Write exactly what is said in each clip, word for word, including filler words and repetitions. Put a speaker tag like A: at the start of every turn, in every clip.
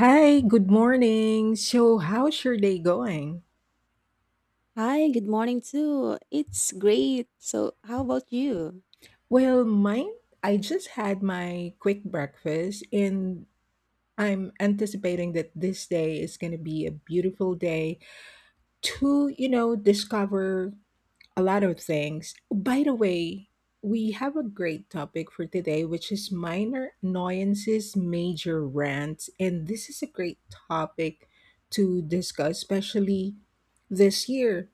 A: Hi, good morning. So, how's your day going?
B: Hi, good morning too. It's great. So, how about you?
A: Well, mine, I just had my quick breakfast and I'm anticipating that this day is going to be a beautiful day to, you know, discover a lot of things. By the way, we have a great topic for today, which is minor annoyances, major rants. And this is a great topic to discuss, especially this year.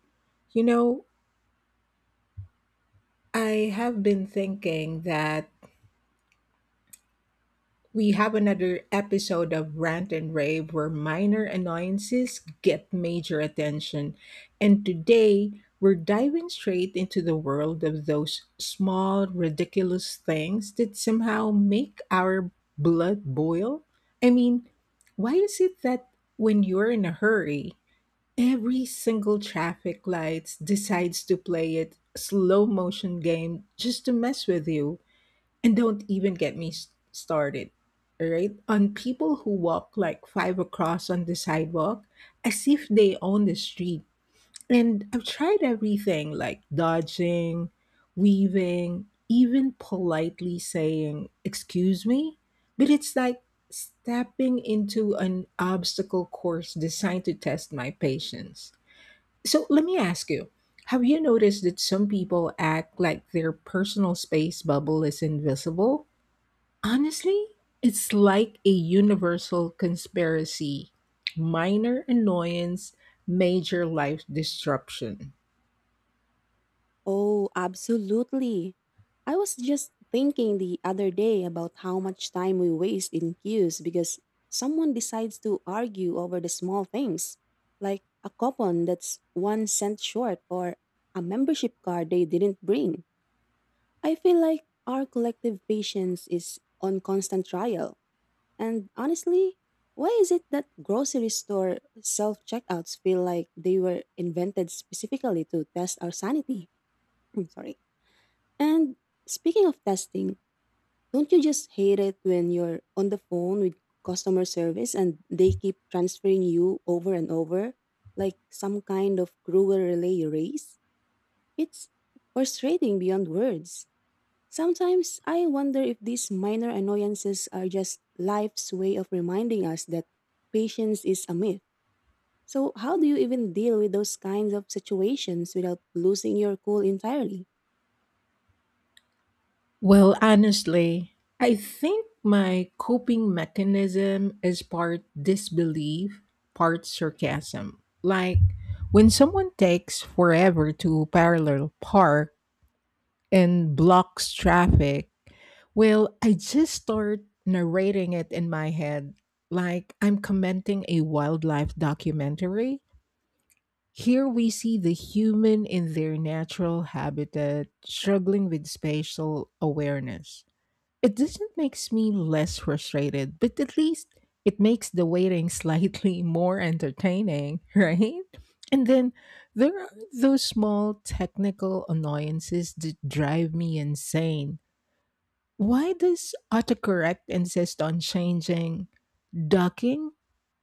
A: You know, I have been thinking that we have another episode of Rant and Rave where minor annoyances get major attention. And today, we're diving straight into the world of those small, ridiculous things that somehow make our blood boil. I mean, why is it that when you're in a hurry, every single traffic light decides to play it slow motion game just to mess with you, and don't even get me s- started, all right? On people who walk like five across on the sidewalk as if they own the street. And I've tried everything like dodging, weaving, even politely saying, "Excuse me?" But it's like stepping into an obstacle course designed to test my patience. So let me ask you, have you noticed that some people act like their personal space bubble is invisible? Honestly, it's like a universal conspiracy, minor annoyance, major life disruption.
B: Oh, absolutely. I was just thinking the other day about how much time we waste in queues because someone decides to argue over the small things, like a coupon that's one cent short or a membership card they didn't bring. I feel like our collective patience is on constant trial. And honestly, why is it that grocery store self checkouts feel like they were invented specifically to test our sanity? I'm sorry. And speaking of testing, don't you just hate it when you're on the phone with customer service and they keep transferring you over and over like some kind of cruel relay race? It's frustrating beyond words. Sometimes I wonder if these minor annoyances are just life's way of reminding us that patience is a myth. So, how do you even deal with those kinds of situations without losing your cool entirely?
A: Well, honestly, I think my coping mechanism is part disbelief, part sarcasm. Like when someone takes forever to parallel park and blocks traffic, well, I just start narrating it in my head like I'm commenting a wildlife documentary. Here we see the human in their natural habitat struggling with spatial awareness. It doesn't makes me less frustrated, but at least it makes the waiting slightly more entertaining, right? And then there are those small technical annoyances that drive me insane. Why does autocorrect insist on changing ducking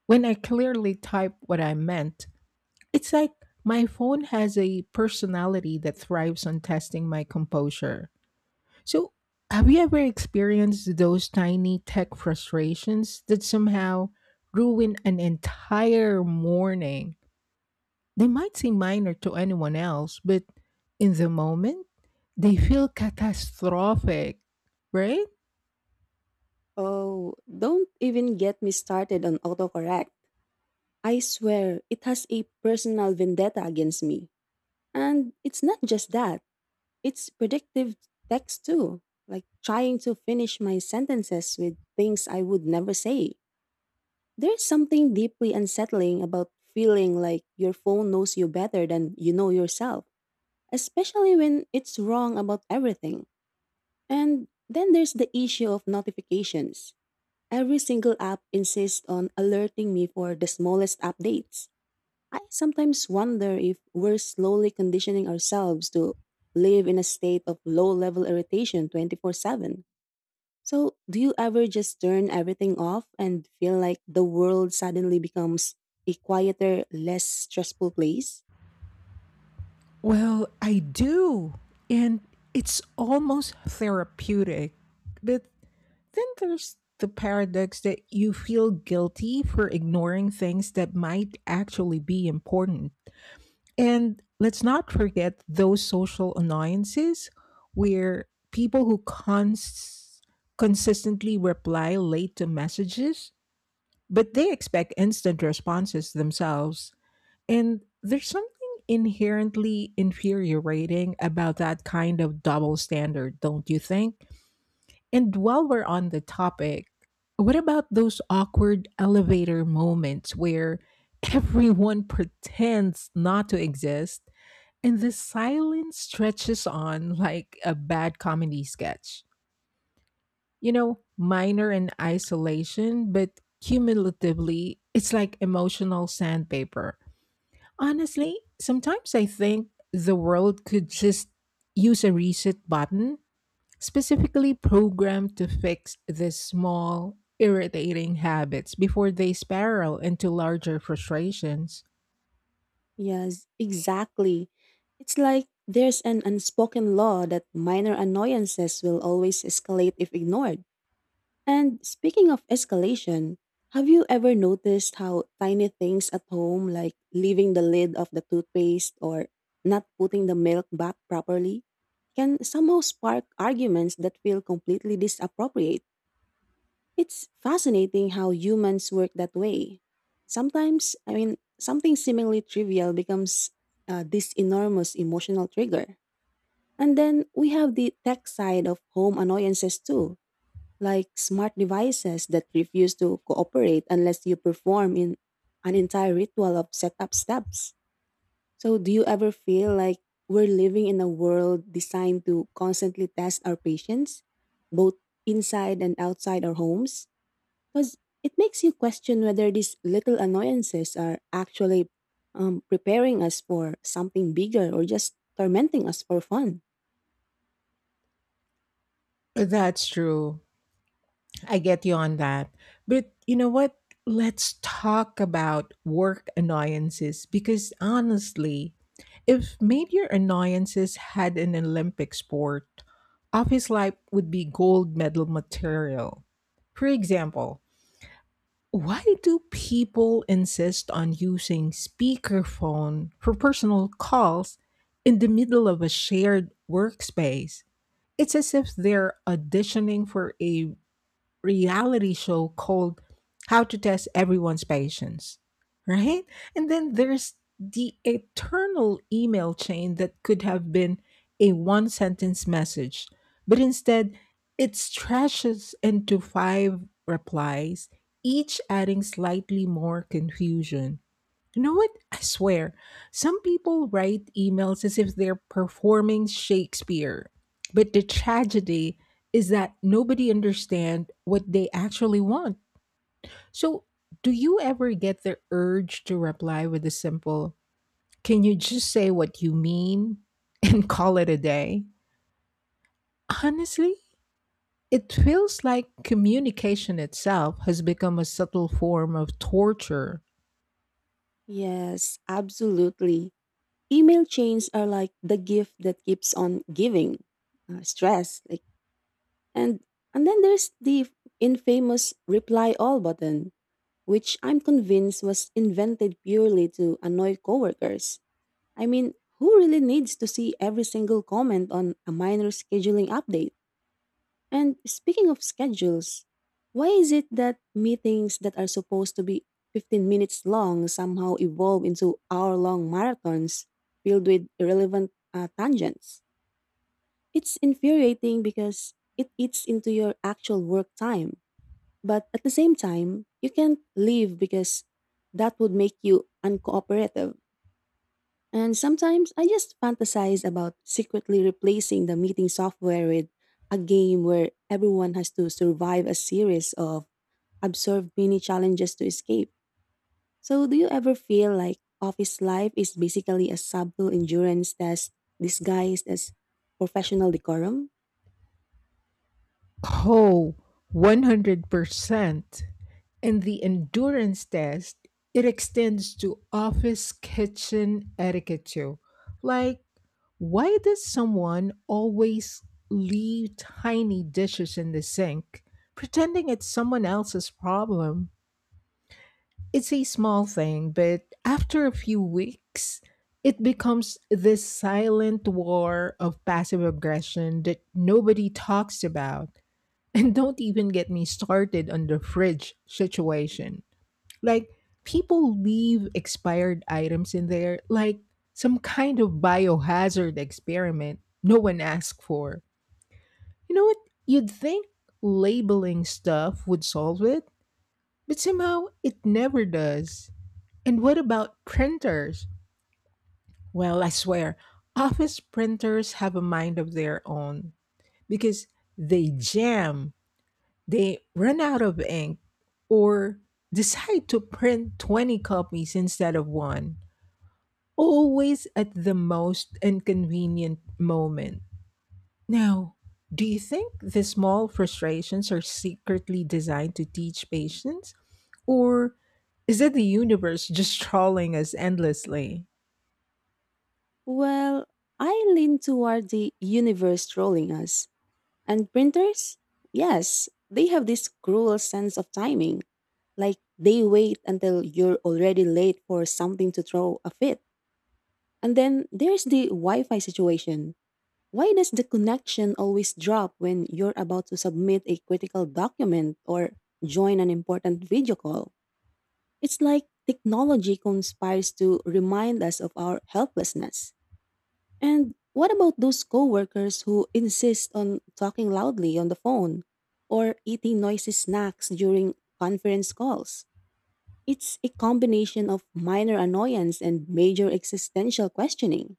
A: when I clearly typed what I meant? It's like my phone has a personality that thrives on testing my composure. So, have you ever experienced those tiny tech frustrations that somehow ruin an entire morning? They might seem minor to anyone else, but in the moment, they feel catastrophic, right?
B: Oh, don't even get me started on autocorrect. I swear, it has a personal vendetta against me. And it's not just that, it's predictive text too, like trying to finish my sentences with things I would never say. There's something deeply unsettling about feeling like your phone knows you better than you know yourself, especially when it's wrong about everything. And then there's the issue of notifications. Every single app insists on alerting me for the smallest updates. I sometimes wonder if we're slowly conditioning ourselves to live in a state of low level irritation twenty four seven. So, do you ever just turn everything off and feel like the world suddenly becomes a quieter, less stressful place?
A: Well, I do. And it's almost therapeutic. But then there's the paradox that you feel guilty for ignoring things that might actually be important. And let's not forget those social annoyances where people who cons- consistently reply late to messages, but they expect instant responses themselves. And there's something inherently infuriating about that kind of double standard, don't you think? And while we're on the topic, what about those awkward elevator moments where everyone pretends not to exist and the silence stretches on like a bad comedy sketch? You know, minor in isolation, but cumulatively, it's like emotional sandpaper. Honestly, sometimes I think the world could just use a reset button specifically programmed to fix these small, irritating habits before they spiral into larger frustrations.
B: Yes, exactly. It's like there's an unspoken law that minor annoyances will always escalate if ignored. And speaking of escalation, have you ever noticed how tiny things at home, like leaving the lid of the toothpaste or not putting the milk back properly, can somehow spark arguments that feel completely disappropriate? It's fascinating how humans work that way. Sometimes, I mean, something seemingly trivial becomes uh, this enormous emotional trigger. And then we have the tech side of home annoyances too, like smart devices that refuse to cooperate unless you perform in an entire ritual of setup steps. So do you ever feel like we're living in a world designed to constantly test our patience, both inside and outside our homes? Because it makes you question whether these little annoyances are actually um, preparing us for something bigger or just tormenting us for fun.
A: That's true. I get you on that. But you know what? Let's talk about work annoyances because honestly, if major annoyances had an Olympic sport, office life would be gold medal material. For example, why do people insist on using speakerphone for personal calls in the middle of a shared workspace? It's as if they're auditioning for a reality show called How to Test Everyone's Patience, right? And then there's the eternal email chain that could have been a one sentence message, but instead it stretches into five replies, each adding slightly more confusion. You know what? I swear, some people write emails as if they're performing Shakespeare. But the tragedy is that nobody understands what they actually want. So, do you ever get the urge to reply with a simple, can you just say what you mean and call it a day? Honestly, it feels like communication itself has become a subtle form of torture.
B: Yes, absolutely. Email chains are like the gift that keeps on giving uh, stress. Like, and and then there's the infamous reply all button, which I'm convinced was invented purely to annoy coworkers. I mean, who really needs to see every single comment on a minor scheduling update? And speaking of schedules, why is it that meetings that are supposed to be fifteen minutes long somehow evolve into hour long marathons filled with irrelevant uh, tangents? It's infuriating because it eats into your actual work time. But at the same time, you can't leave because that would make you uncooperative. And sometimes I just fantasize about secretly replacing the meeting software with a game where everyone has to survive a series of absurd mini challenges to escape. So, do you ever feel like office life is basically a subtle endurance test disguised as professional decorum?
A: Oh, one hundred percent. In the endurance test, it extends to office kitchen etiquette too. Like, why does someone always leave tiny dishes in the sink, pretending it's someone else's problem? It's a small thing, but after a few weeks, it becomes this silent war of passive aggression that nobody talks about. And don't even get me started on the fridge situation. Like people leave expired items in there like some kind of biohazard experiment no one asked for. You know what? You'd think labeling stuff would solve it, but somehow it never does. And what about printers? Well, I swear, office printers have a mind of their own because they jam, they run out of ink, or decide to print twenty copies instead of one, always at the most inconvenient moment. Now, do you think the small frustrations are secretly designed to teach patience? Or is it the universe just trolling us endlessly?
B: Well, I lean toward the universe trolling us. And printers? Yes, they have this cruel sense of timing. Like they wait until you're already late for something to throw a fit. And then there's the Wi Fi situation. Why does the connection always drop when you're about to submit a critical document or join an important video call? It's like technology conspires to remind us of our helplessness. And what about those coworkers who insist on talking loudly on the phone or eating noisy snacks during conference calls? It's a combination of minor annoyance and major existential questioning.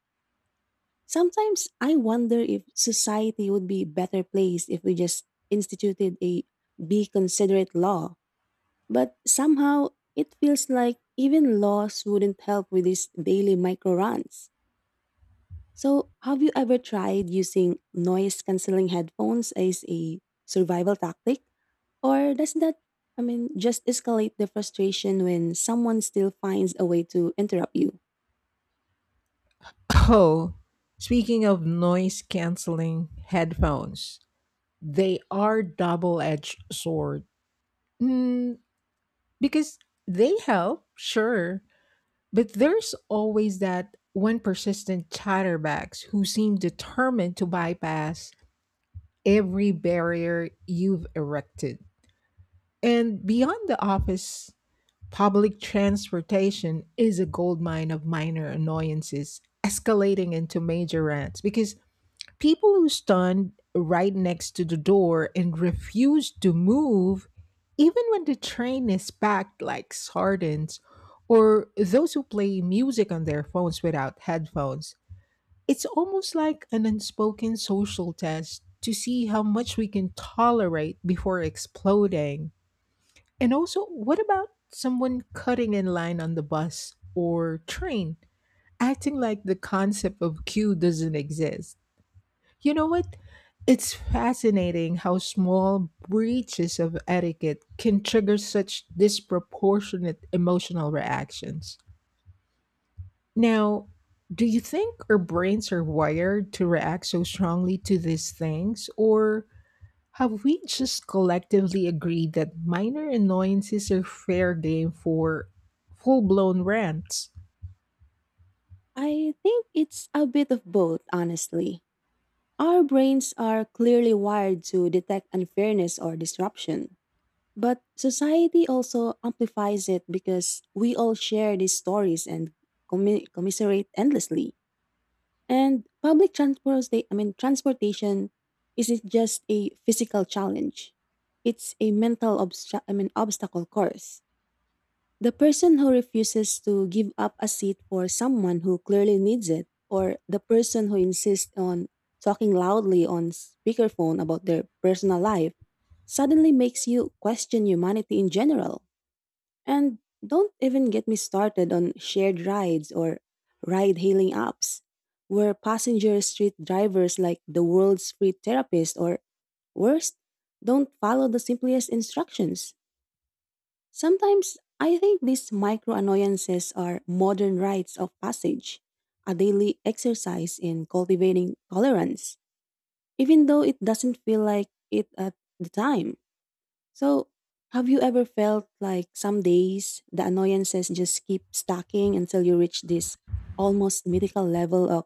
B: Sometimes I wonder if society would be a better place if we just instituted a be considerate law. But somehow it feels like even laws wouldn't help with these daily micro runs. So, have you ever tried using noise canceling headphones as a survival tactic? Or does that, I mean, just escalate the frustration when someone still finds a way to interrupt you?
A: Oh, speaking of noise canceling headphones, they are double edged sword. Mm, because they help, sure, but there's always that one persistent chatterbox who seem determined to bypass every barrier you've erected. And beyond the office, public transportation is a goldmine of minor annoyances escalating into major rants because people who stand right next to the door and refuse to move, even when the train is packed like sardines, or those who play music on their phones without headphones. It's almost like an unspoken social test to see how much we can tolerate before exploding. And also, what about someone cutting in line on the bus or train, acting like the concept of queue doesn't exist? You know what? It's fascinating how small breaches of etiquette can trigger such disproportionate emotional reactions. Now, do you think our brains are wired to react so strongly to these things, or have we just collectively agreed that minor annoyances are fair game for full blown rants?
B: I think it's a bit of both, honestly. Our brains are clearly wired to detect unfairness or disruption. But society also amplifies it because we all share these stories and commi- commiserate endlessly. And public transport, I mean, transportation isn't just a physical challenge. It's a mental obsta- I mean, obstacle course. The person who refuses to give up a seat for someone who clearly needs it, or the person who insists on talking loudly on speakerphone about their personal life, suddenly makes you question humanity in general. And don't even get me started on shared rides or ride hailing apps, where passengers treat drivers like the world's free therapist or worse, don't follow the simplest instructions. Sometimes I think these micro annoyances are modern rites of passage, a daily exercise in cultivating tolerance, even though it doesn't feel like it at the time. So, have you ever felt like some days the annoyances just keep stacking until you reach this almost mythical level of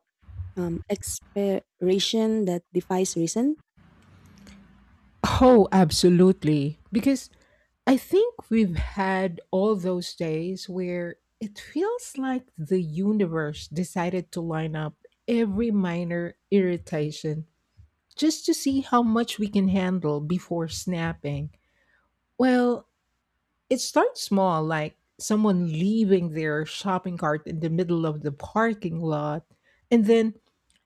B: um, expiration that defies reason?
A: Oh, absolutely. Because I think we've had all those days where it feels like the universe decided to line up every minor irritation just to see how much we can handle before snapping. Well, it starts small, like someone leaving their shopping cart in the middle of the parking lot, and then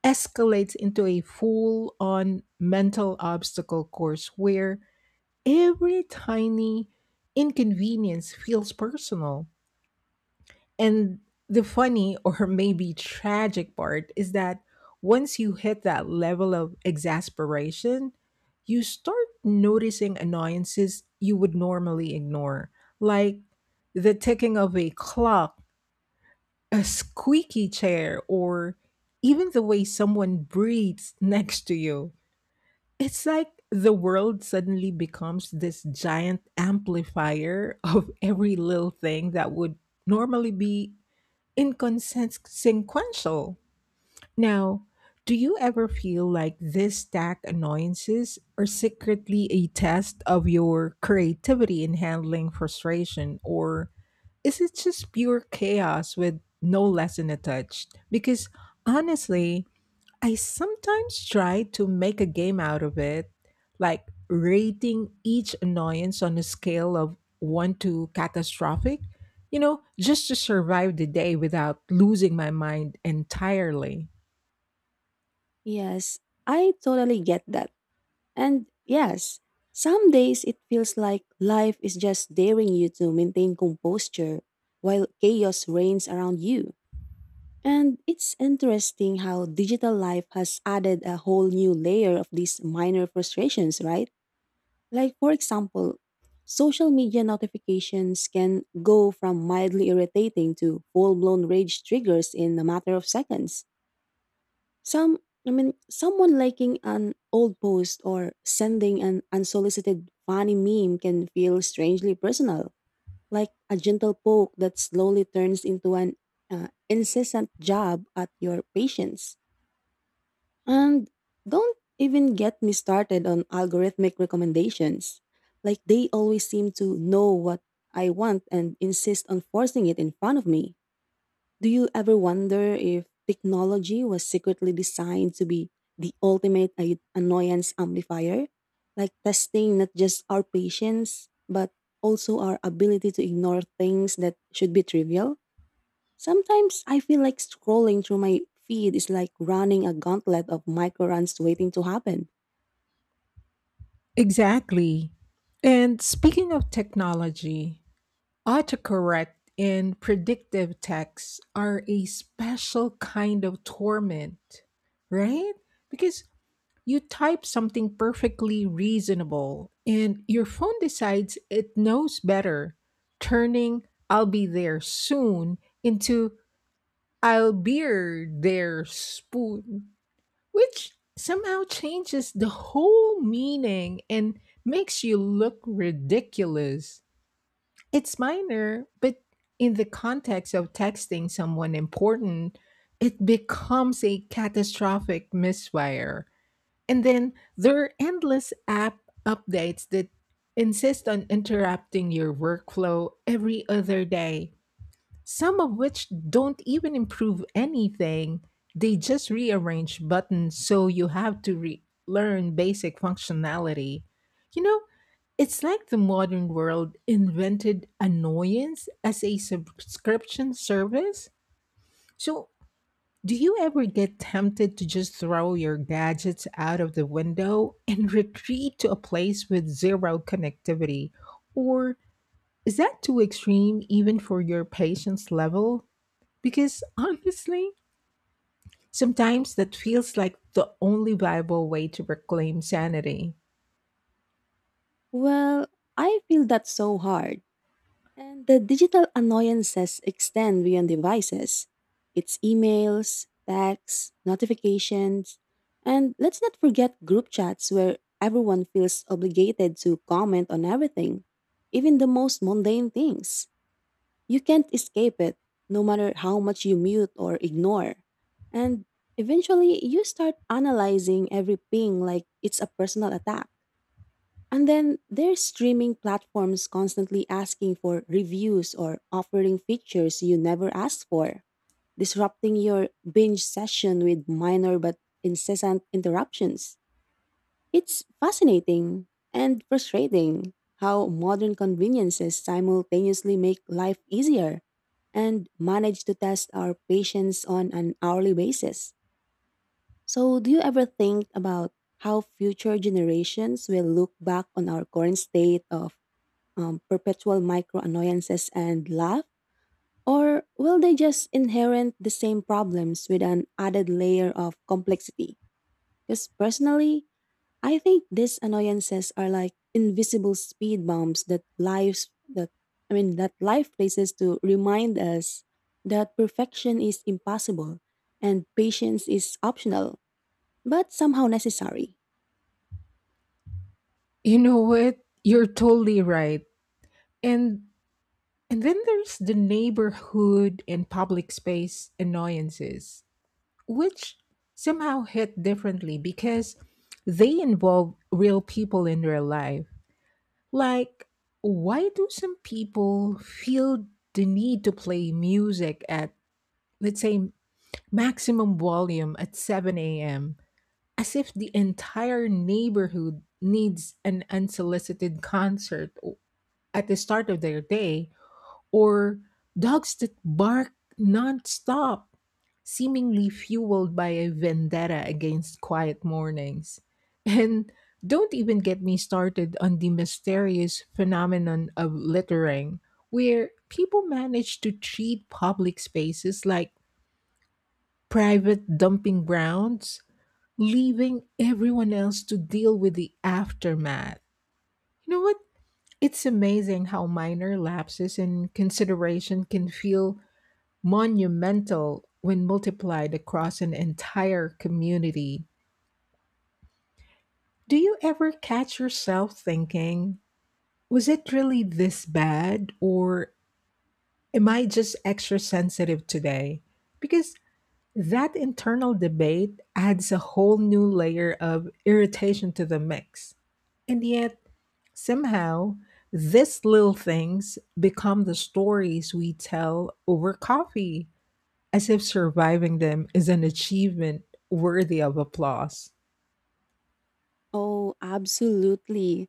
A: escalates into a full on mental obstacle course where every tiny inconvenience feels personal. And the funny or maybe tragic part is that once you hit that level of exasperation, you start noticing annoyances you would normally ignore, like the ticking of a clock, a squeaky chair, or even the way someone breathes next to you. It's like the world suddenly becomes this giant amplifier of every little thing that would normally be inconsequential. Now, do you ever feel like these stack annoyances are secretly a test of your creativity in handling frustration, or is it just pure chaos with no lesson attached? Because honestly, I sometimes try to make a game out of it, like rating each annoyance on a scale of one to catastrophic, you know, just to survive the day without losing my mind entirely.
B: Yes, I totally get that. And yes, some days it feels like life is just daring you to maintain composure while chaos reigns around you. And it's interesting how digital life has added a whole new layer of these minor frustrations, right? Like, for example, social media notifications can go from mildly irritating to full blown rage triggers in a matter of seconds. Some, I mean, someone liking an old post or sending an unsolicited funny meme can feel strangely personal, like a gentle poke that slowly turns into an uh, incessant jab at your patience. And don't even get me started on algorithmic recommendations. Like they always seem to know what I want and insist on forcing it in front of me. Do you ever wonder if technology was secretly designed to be the ultimate a- annoyance amplifier? Like testing not just our patience, but also our ability to ignore things that should be trivial? Sometimes I feel like scrolling through my feed is like running a gauntlet of micro runs waiting to happen.
A: Exactly. And speaking of technology, autocorrect and predictive texts are a special kind of torment, right? Because you type something perfectly reasonable, and your phone decides it knows better, turning "I'll be there soon" into "I'll beer there spoon," which somehow changes the whole meaning and makes you look ridiculous. It's minor, but in the context of texting someone important, it becomes a catastrophic misfire. And then there are endless app updates that insist on interrupting your workflow every other day, some of which don't even improve anything. They just rearrange buttons so you have to re- learn basic functionality. You know, it's like the modern world invented annoyance as a subscription service. So do you ever get tempted to just throw your gadgets out of the window and retreat to a place with zero connectivity? Or is that too extreme even for your patience level? Because honestly, sometimes that feels like the only viable way to reclaim sanity.
B: Well, I feel that so hard. And the digital annoyances extend beyond devices. It's emails, texts, notifications, and let's not forget group chats where everyone feels obligated to comment on everything, even the most mundane things. You can't escape it, no matter how much you mute or ignore. And eventually, you start analyzing every ping like it's a personal attack. And then there's streaming platforms constantly asking for reviews or offering features you never asked for, disrupting your binge session with minor but incessant interruptions. It's fascinating and frustrating how modern conveniences simultaneously make life easier and manage to test our patience on an hourly basis. So, do you ever think about how future generations will look back on our current state of um, perpetual micro annoyances and laugh? Or will they just inherit the same problems with an added layer of complexity? Because personally, I think these annoyances are like invisible speed bumps that lives that I mean that life places to remind us that perfection is impossible and patience is optional, but somehow necessary.
A: You know what? You're totally right. And and then there's the neighborhood and public space annoyances, which somehow hit differently because they involve real people in their life. Like, why do some people feel the need to play music at, let's say, maximum volume at seven a m, as if the entire neighborhood needs an unsolicited concert at the start of their day, or dogs that bark nonstop, seemingly fueled by a vendetta against quiet mornings. And don't even get me started on the mysterious phenomenon of littering, where people manage to treat public spaces like private dumping grounds, leaving everyone else to deal with the aftermath. You know what? It's amazing how minor lapses in consideration can feel monumental when multiplied across an entire community. Do you ever catch yourself thinking, was it really this bad? Or am I just extra sensitive today? Because that internal debate adds a whole new layer of irritation to the mix. And yet, somehow, these little things become the stories we tell over coffee, as if surviving them is an achievement worthy of applause.
B: Oh, absolutely.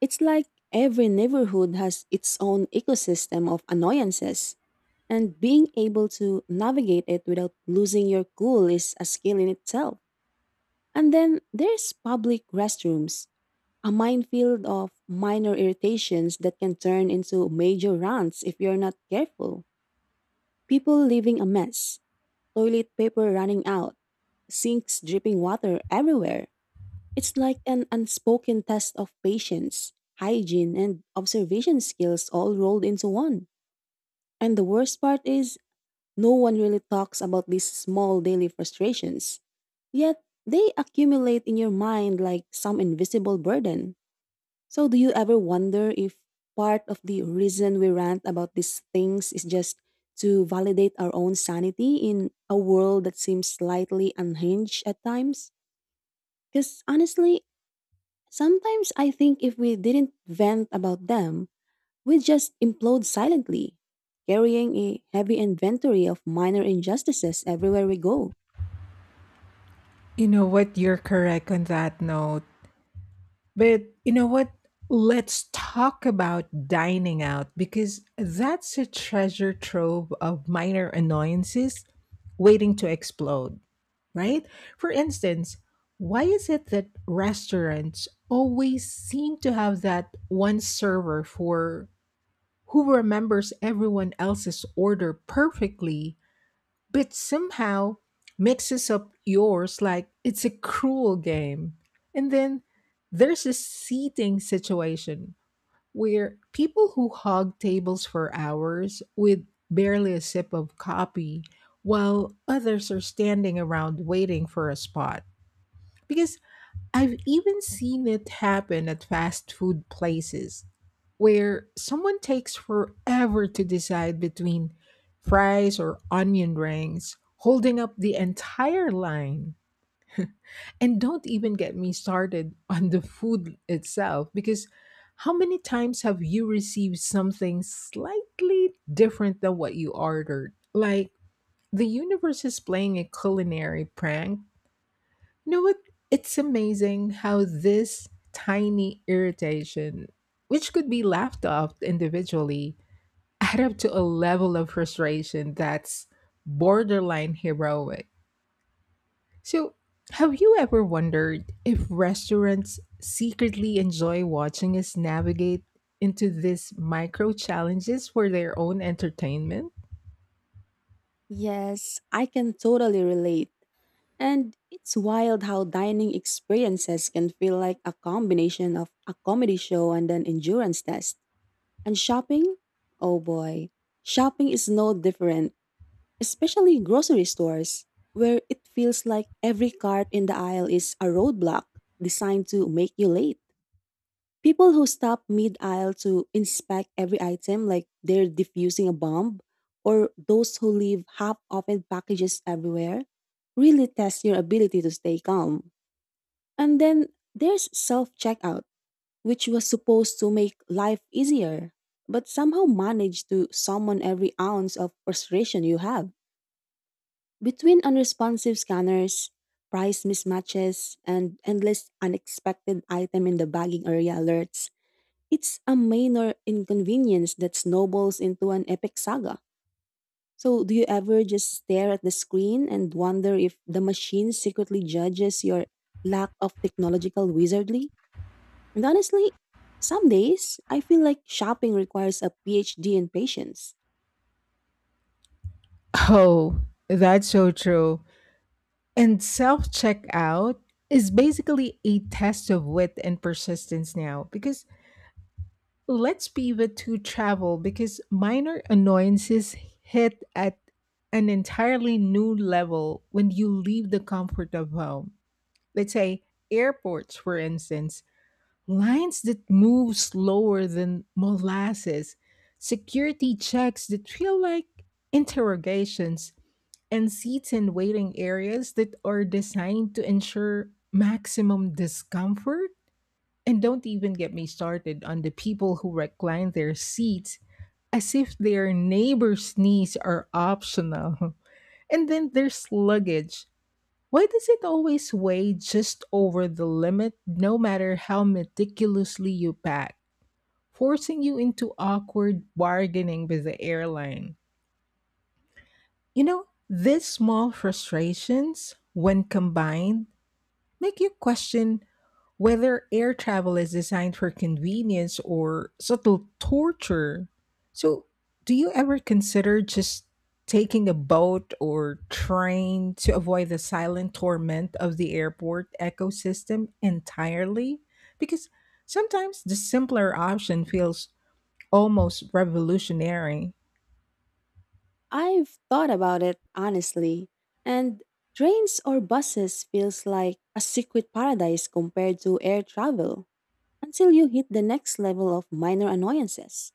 B: It's like every neighborhood has its own ecosystem of annoyances, and being able to navigate it without losing your cool is a skill in itself. And then there's public restrooms, a minefield of minor irritations that can turn into major rants if you're not careful. People leaving a mess, toilet paper running out, sinks dripping water everywhere. It's like an unspoken test of patience, hygiene, and observation skills all rolled into one. And the worst part is, no one really talks about these small daily frustrations. Yet, they accumulate in your mind like some invisible burden. So, do you ever wonder if part of the reason we rant about these things is just to validate our own sanity in a world that seems slightly unhinged at times? Because honestly, sometimes I think if we didn't vent about them, we'd just implode silently, carrying a heavy inventory of minor injustices everywhere we go.
A: You know what? You're correct on that note. But you know what? Let's talk about dining out because that's a treasure trove of minor annoyances waiting to explode, right? For instance, why is it that restaurants always seem to have that one server for who remembers everyone else's order perfectly but somehow mixes up yours like it's a cruel game. And then there's a seating situation where people who hog tables for hours with barely a sip of coffee while others are standing around waiting for a spot, because I've even seen it happen at fast food places where someone takes forever to decide between fries or onion rings, holding up the entire line. And don't even get me started on the food itself because how many times have you received something slightly different than what you ordered? Like the universe is playing a culinary prank. You know what? It's amazing how this tiny irritation, which could be laughed off individually, add up to a level of frustration that's borderline heroic. So, have you ever wondered if restaurants secretly enjoy watching us navigate into these micro challenges for their own entertainment?
B: Yes, I can totally relate. And it's wild how dining experiences can feel like a combination of a comedy show and an endurance test. And shopping? Oh boy. Shopping is no different, especially in grocery stores, where it feels like every cart in the aisle is a roadblock designed to make you late. People who stop mid aisle to inspect every item like they're defusing a bomb, or those who leave half opened packages everywhere, really test your ability to stay calm. And then there's self checkout, which was supposed to make life easier, but somehow managed to summon every ounce of frustration you have. Between unresponsive scanners, price mismatches, and endless unexpected item in the bagging area alerts, it's a minor inconvenience that snowballs into an epic saga. So, do you ever just stare at the screen and wonder if the machine secretly judges your lack of technological wizardry? And honestly, some days I feel like shopping requires a PhD in patience.
A: Oh, that's so true. And self checkout is basically a test of wit and persistence now because let's pivot to travel because minor annoyances hit at an entirely new level when you leave the comfort of home. Let's say airports, for instance, lines that move slower than molasses, security checks that feel like interrogations, and seats in waiting areas that are designed to ensure maximum discomfort. And don't even get me started on the people who recline their seats as if their neighbor's knees are optional. And then there's luggage. Why does it always weigh just over the limit, no matter how meticulously you pack, forcing you into awkward bargaining with the airline? You know, these small frustrations, when combined, make you question whether air travel is designed for convenience or subtle torture. So, do you ever consider just taking a boat or train to avoid the silent torment of the airport ecosystem entirely? Because sometimes the simpler option feels almost revolutionary.
B: I've thought about it honestly, and trains or buses feels like a secret paradise compared to air travel, until you hit the next level of minor annoyances: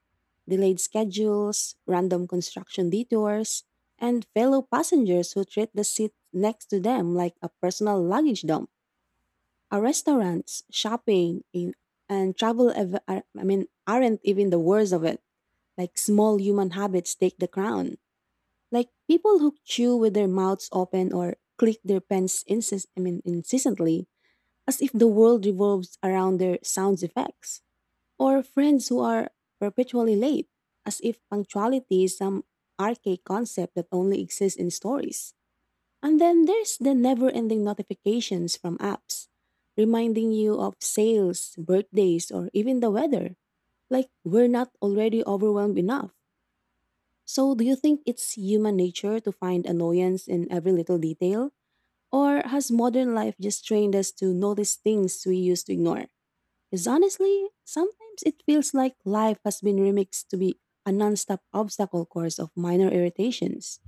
B: delayed schedules, random construction detours, and fellow passengers who treat the seat next to them like a personal luggage dump. Our restaurants, shopping, in, and travel ev- are, I mean, aren't even the worst of it. Like small human habits take the crown. Like people who chew with their mouths open or click their pens insist, I mean, incessantly, as if the world revolves around their sound effects, or friends who are perpetually late, as if punctuality is some archaic concept that only exists in stories. And then there's the never ending notifications from apps, reminding you of sales, birthdays, or even the weather. Like, we're not already overwhelmed enough. So, do you think it's human nature to find annoyance in every little detail? Or has modern life just trained us to notice things we used to ignore? Because honestly, sometimes it feels like life has been remixed to be a nonstop obstacle course of minor irritations.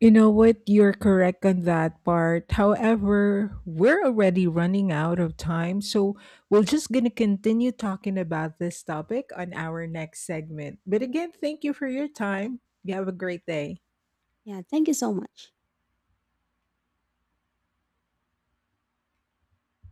A: You know what? You're correct on that part. However, we're already running out of time, so we're just going to continue talking about this topic on our next segment. But again, thank you for your time. You have a great day.
B: Yeah, thank you so much.